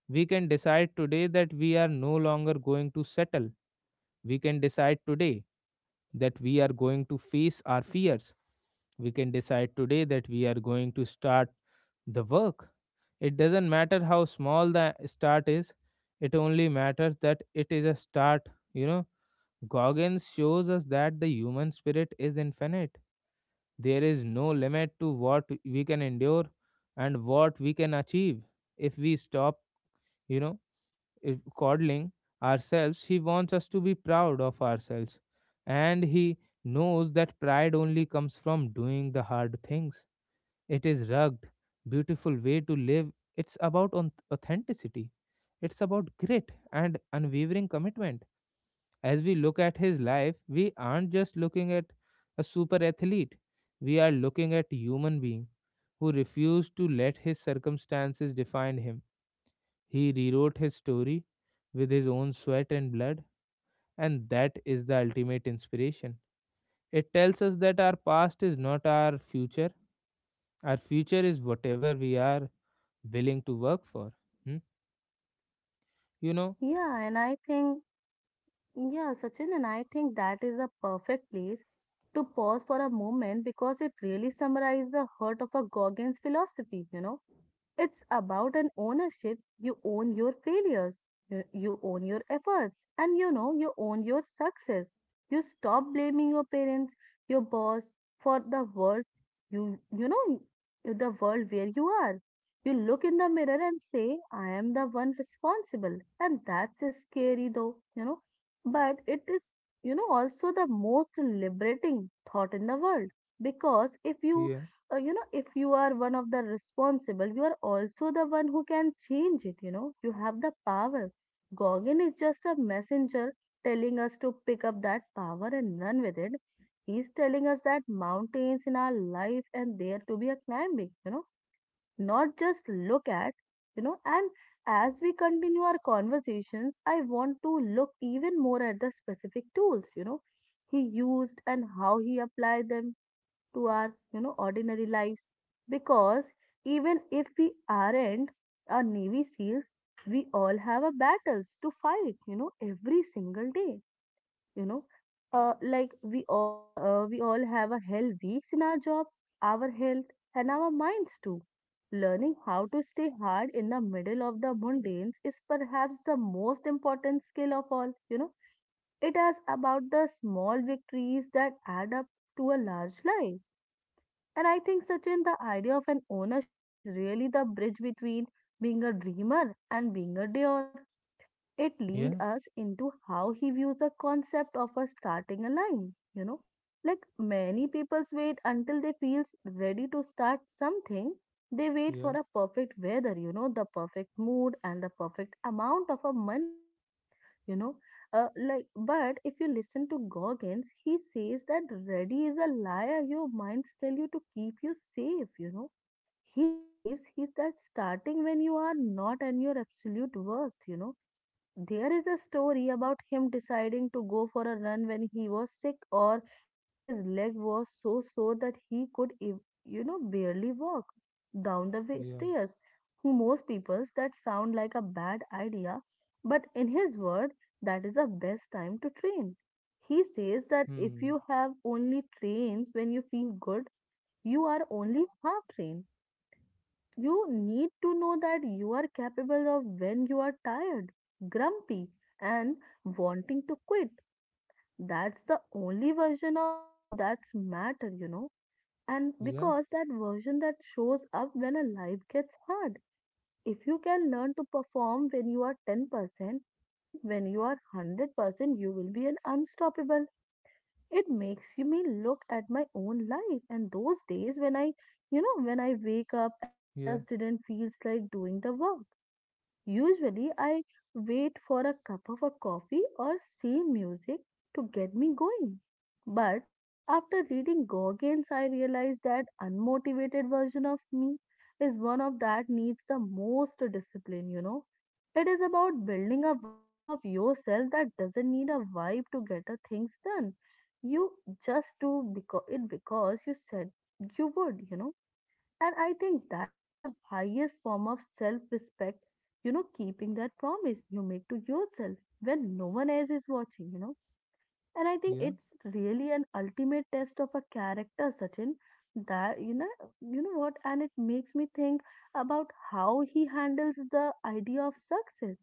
A: We can decide today that we are no longer going to settle. We can decide today that we are going to face our fears. We can decide today that we are going to start the work. It doesn't matter how small the start is, it only matters that it is a start. You know, Goggins shows us that the human spirit is infinite. There is no limit to what we can endure and what we can achieve if we stop, you know coddling ourselves. He wants us to be proud of ourselves. And he knows that pride only comes from doing the hard things. It is rugged, beautiful way to live. It's about authenticity. It's about grit and unwavering commitment. As we look at his life, we aren't just looking at a super athlete. We are looking at a human being who refused to let his circumstances define him. He rewrote his story with his own sweat and blood, and that is the ultimate inspiration. It tells us that our past is not our future, our future is whatever we are willing to work for. Hmm? You know?
B: Yeah, and I think, yeah, Sachin, and I think that is the perfect place to pause for a moment because it really summarizes the heart of a Goggins philosophy. It's about an ownership. You own your failures, you own your efforts, and you own your success. You stop blaming your parents, your boss for the world you, you know, the world where you are. You look in the mirror and say, I am the one responsible. And that's just scary though, but it is, also the most liberating thought in the world because if you
A: Yeah,
B: uh, you know if you are one of the responsible, you are also the one who can change it, you know. You have the power. Gorgon is just a messenger telling us to pick up that power and run with it. He's telling us that mountains in our life and there to be a climbing, you know, not just look at, you know. And as we continue our conversations, I want to look even more at the specific tools, you know, he used and how he applied them to our, you know, ordinary lives, because even if we aren't our navy seals, we all have a battles to fight, you know, every single day. You know uh, like we all uh, we all have a hell weeks in our jobs, our health and our minds too. Learning how to stay hard in the middle of the mundanes is perhaps the most important skill of all, you know. It is about the small victories that add up to a large life. And I think, Sachin, the idea of an ownership is really the bridge between being a dreamer and being a doer. It leads
A: yeah,
B: us into how he views the concept of a starting a line. You know, like many people wait until they feel ready to start something. They wait
A: yeah,
B: for a perfect weather, you know, the perfect mood and the perfect amount of a money, you know uh, like but if you listen to Goggins, he says that ready is a liar. Your minds tell you to keep you safe, you know. He believes he's that starting when you are not and your absolute worst, you know. There is a story about him deciding to go for a run when he was sick or when his leg was so sore that he could, barely walk down the
A: yeah.
B: stairs. To most people's that sound like a bad idea, but in his word, that is the best time to train. He says that if
A: Hmm.
B: you have only trains when you feel good, you are only half trained. You need to know that you are capable of when you are tired, grumpy, and wanting to quit. That's the only version of you that's matter, you know. And
A: Yeah,
B: because that version that shows up when a life gets hard. If you can learn to perform when you are 10%, then when you are 100%, you will be an unstoppable. It makes me look at my own life and those days when I wake up and
A: yeah,
B: just didn't feels like doing the work. Usually, I wait for a cup of a coffee or see music to get me going. But after reading Gorgians, I realized that unmotivated version of me is one of that needs the most discipline, you know. It is about building a version of yourself that doesn't need a vibe to get a things done. You just do because it because you said you would, you know. And I think that's the highest form of self respect, you know, keeping that promise you make to yourself when no one else is watching, And I think
A: yeah,
B: it's really an ultimate test of a character, Sachin. That, you know what? And it makes me think about how he handles the idea of success.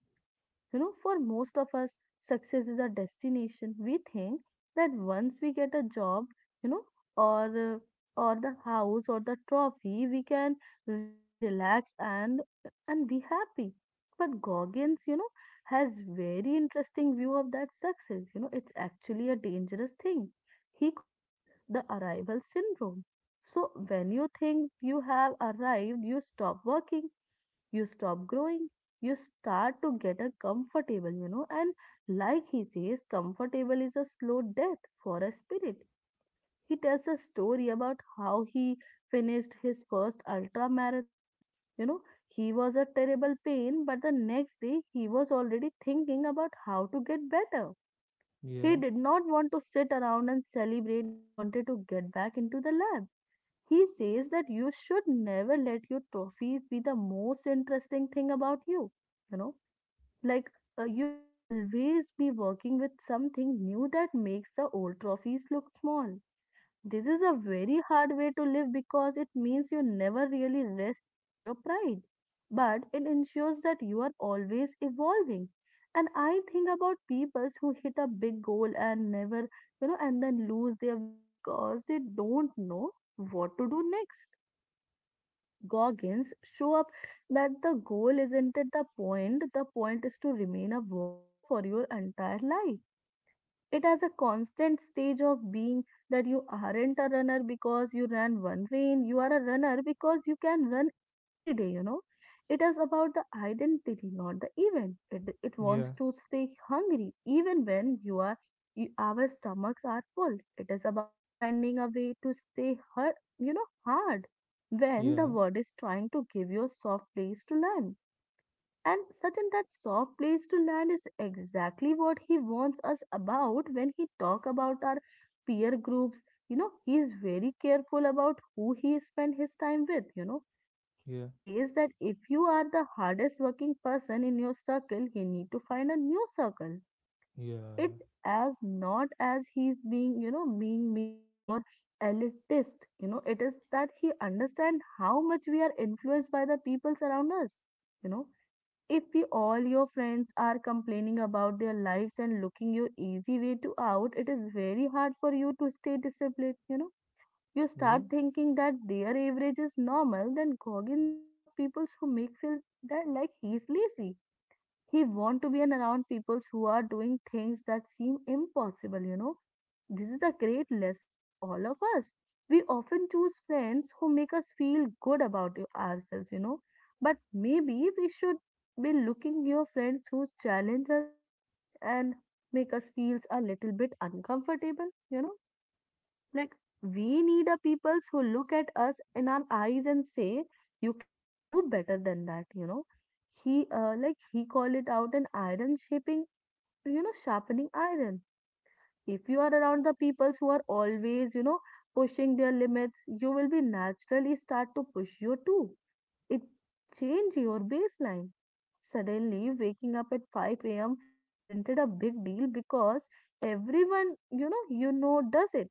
B: You know, for most of us, success is a destination. We think that once we get a job, you know, or uh, or the house or the trophy, we can really relax and be happy. But Goggins, you know, has very interesting view of that success. You know, it's actually a dangerous thing. He calls it the arrival syndrome. So when you think you have arrived, you stop working, you stop growing, you start to get a comfortable, and like he says, comfortable is a slow death for a spirit. He tells a story about how he finished his first ultra marathon. you know he was a terrible pain, but the next day he was already thinking about how to get better. He
A: yeah,
B: did not want to sit around and celebrate, he wanted to get back into the lab. He says that you should never let your trophies be the most interesting thing about you. You know, like You always be working with something new that makes the old trophies look small. This is a very hard way to live because it means you never really rest in your pride, but it ensures that you are always evolving. And I think about people who hit a big goal and never, and then lose their way because they don't know what to do next. Goggins show up that the goal isn't it the point is to remain a warrior for your entire life. It has a constant stage of being that you aren't a runner because you ran one rain, you are a runner because you can run every day, you know. It is about the identity, not the event. It wants
A: yeah,
B: to stay hungry even when you are you, our stomachs are full. It is about finding a way to stay hard. Hard when the
A: yeah,
B: world is trying to give you a soft place to land. And Sachin, that soft place to land is exactly what he warns us about when he talk about our peer groups. You know, he is very careful about who he spend his time with, you know. He
A: yeah,
B: says that if you are the hardest working person in your circle, you need to find a new circle. It
A: yeah,
B: as not as he's being, being mean or elitist. You know, it is that he understand how much we are influenced by the peoples around us. You know, if we all your friends are complaining about their lives and looking your easy way to out, it is very hard for you to stay disciplined, you
A: yeah,
B: start thinking that their average is normal, then go and seek out people who make feel that like he's lazy. He want to be an around people who are doing things that seem impossible, you know. This is a great lesson for all of us. We often choose friends who make us feel good about y- ourselves, you know. But maybe we should be looking your friends who challenge us and make us feel a little bit uncomfortable, Like, we need a peoples who look at us in our eyes and say, you can do better than that, you know. He called it out an iron shaping, you know, sharpening iron. If you are around the peoples who are always, pushing their limits, you will be naturally start to push you too. It change your baseline. Suddenly, waking up at 5 a.m. isn't it a big deal because everyone, you know does it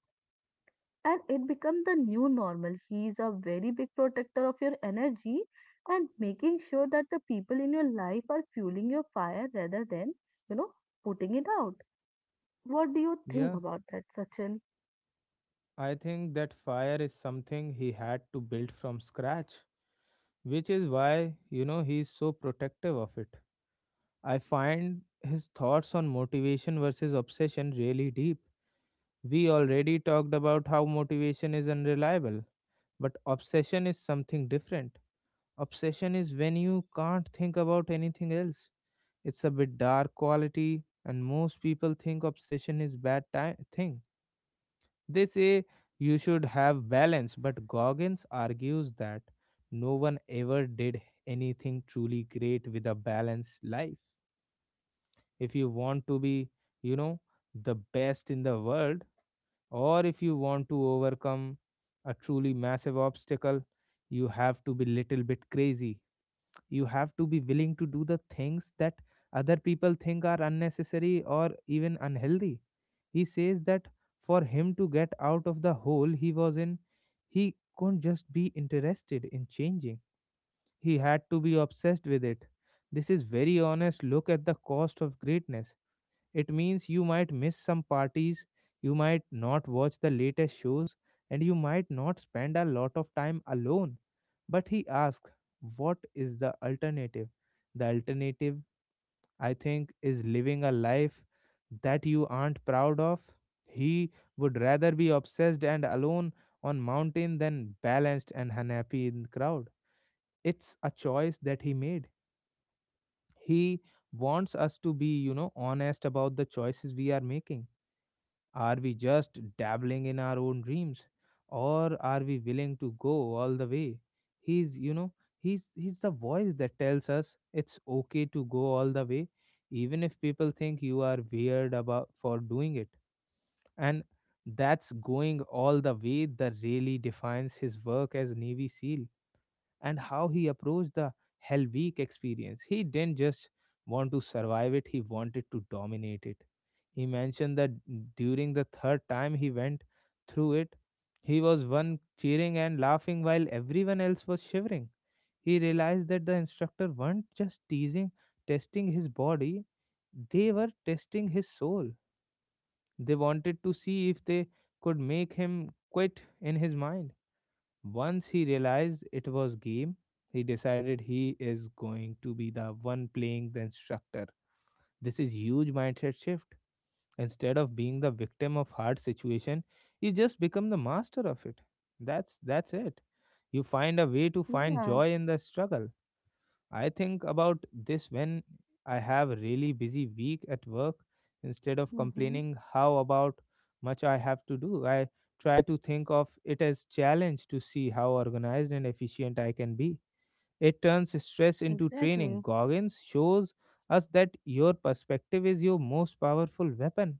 B: and it becomes the new normal. He is a very big protector of your energy and making sure that the people in your life are fueling your fire rather than, you know, putting it out. What do you think
A: yeah.
B: about that, Sachin?
A: I think that fire is something he had to build from scratch, which is why he's so protective of it. I find his thoughts on motivation versus obsession really deep. We already talked about how motivation is unreliable, but obsession is something different. Obsession is when you can't think about anything else. It's a bit dark quality and most people think obsession is bad thing. They say you should have balance, but Goggins argues that no one ever did anything truly great with a balanced life. If you want to be, you know, the best in the world, or if you want to overcome a truly massive obstacle, you have to be little bit crazy. You have to be willing to do the things that other people think are unnecessary or even unhealthy. He says that for him to get out of the hole he was in, he couldn't just be interested in changing, he had to be obsessed with it. This is very honest look at the cost of greatness. It means you might miss some parties, you might not watch the latest shows, and you might not spend a lot of time alone. But he asks, what is the alternative? The alternative, I think, is living a life that you aren't proud of. He would rather be obsessed and alone on mountain than balanced and unhappy in crowd. It's a choice that he made. He wants us to be, honest about the choices we are making. Are we just dabbling in our own dreams, or are we willing to go all the way? He's, you know, he's the voice that tells us it's okay to go all the way even if people think you are weird about for doing it. And that's going all the way that really defines his work as Navy SEAL and how he approached the Hell Week experience. He didn't just want to survive it, he wanted to dominate it. He mentioned that during the third time he went through it, he was one cheering and laughing while everyone else was shivering. He realized that the instructor weren't just teasing, testing his body, they were testing his soul. They wanted to see if they could make him quit in his mind. Once he realized it was game, he decided he is going to be the one playing the instructor. This is huge mindset shift. Instead of being the victim of hard situation, you just become the master of it. That's it. You find a way to find
B: Yeah.
A: joy in the struggle. I think about this when I have a really busy week at work. Instead of
B: Mm-hmm.
A: complaining how about much I have to do, I try to think of it as challenge to see how organized and efficient I can be. It turns stress into training.
B: Exactly.
A: Goggins shows us that your perspective is your most powerful weapon.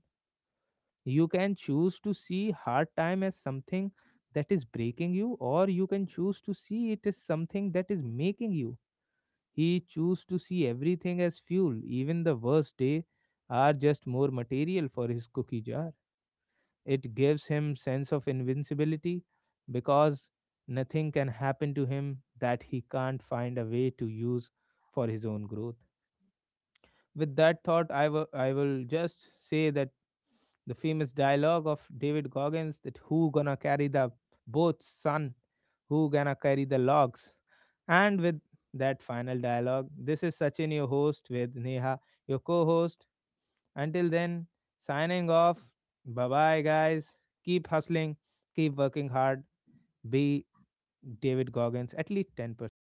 A: You can choose to see hard time as something that is breaking you, or you can choose to see it as something that is making you. He chose to see everything as fuel, even the worst day are just more material for his cookie jar. It gives him sense of invincibility because nothing can happen to him that he can't find a way to use for his own growth. With that thought, I will just say that the famous dialogue of David Goggins that who gonna carry the boats, son? Who gonna carry the logs? And with that final dialogue, this is Sachin, your host, with Neha, your co host. Until then, signing off. Bye bye, guys. Keep hustling, keep working hard, be David Goggins at least 10%.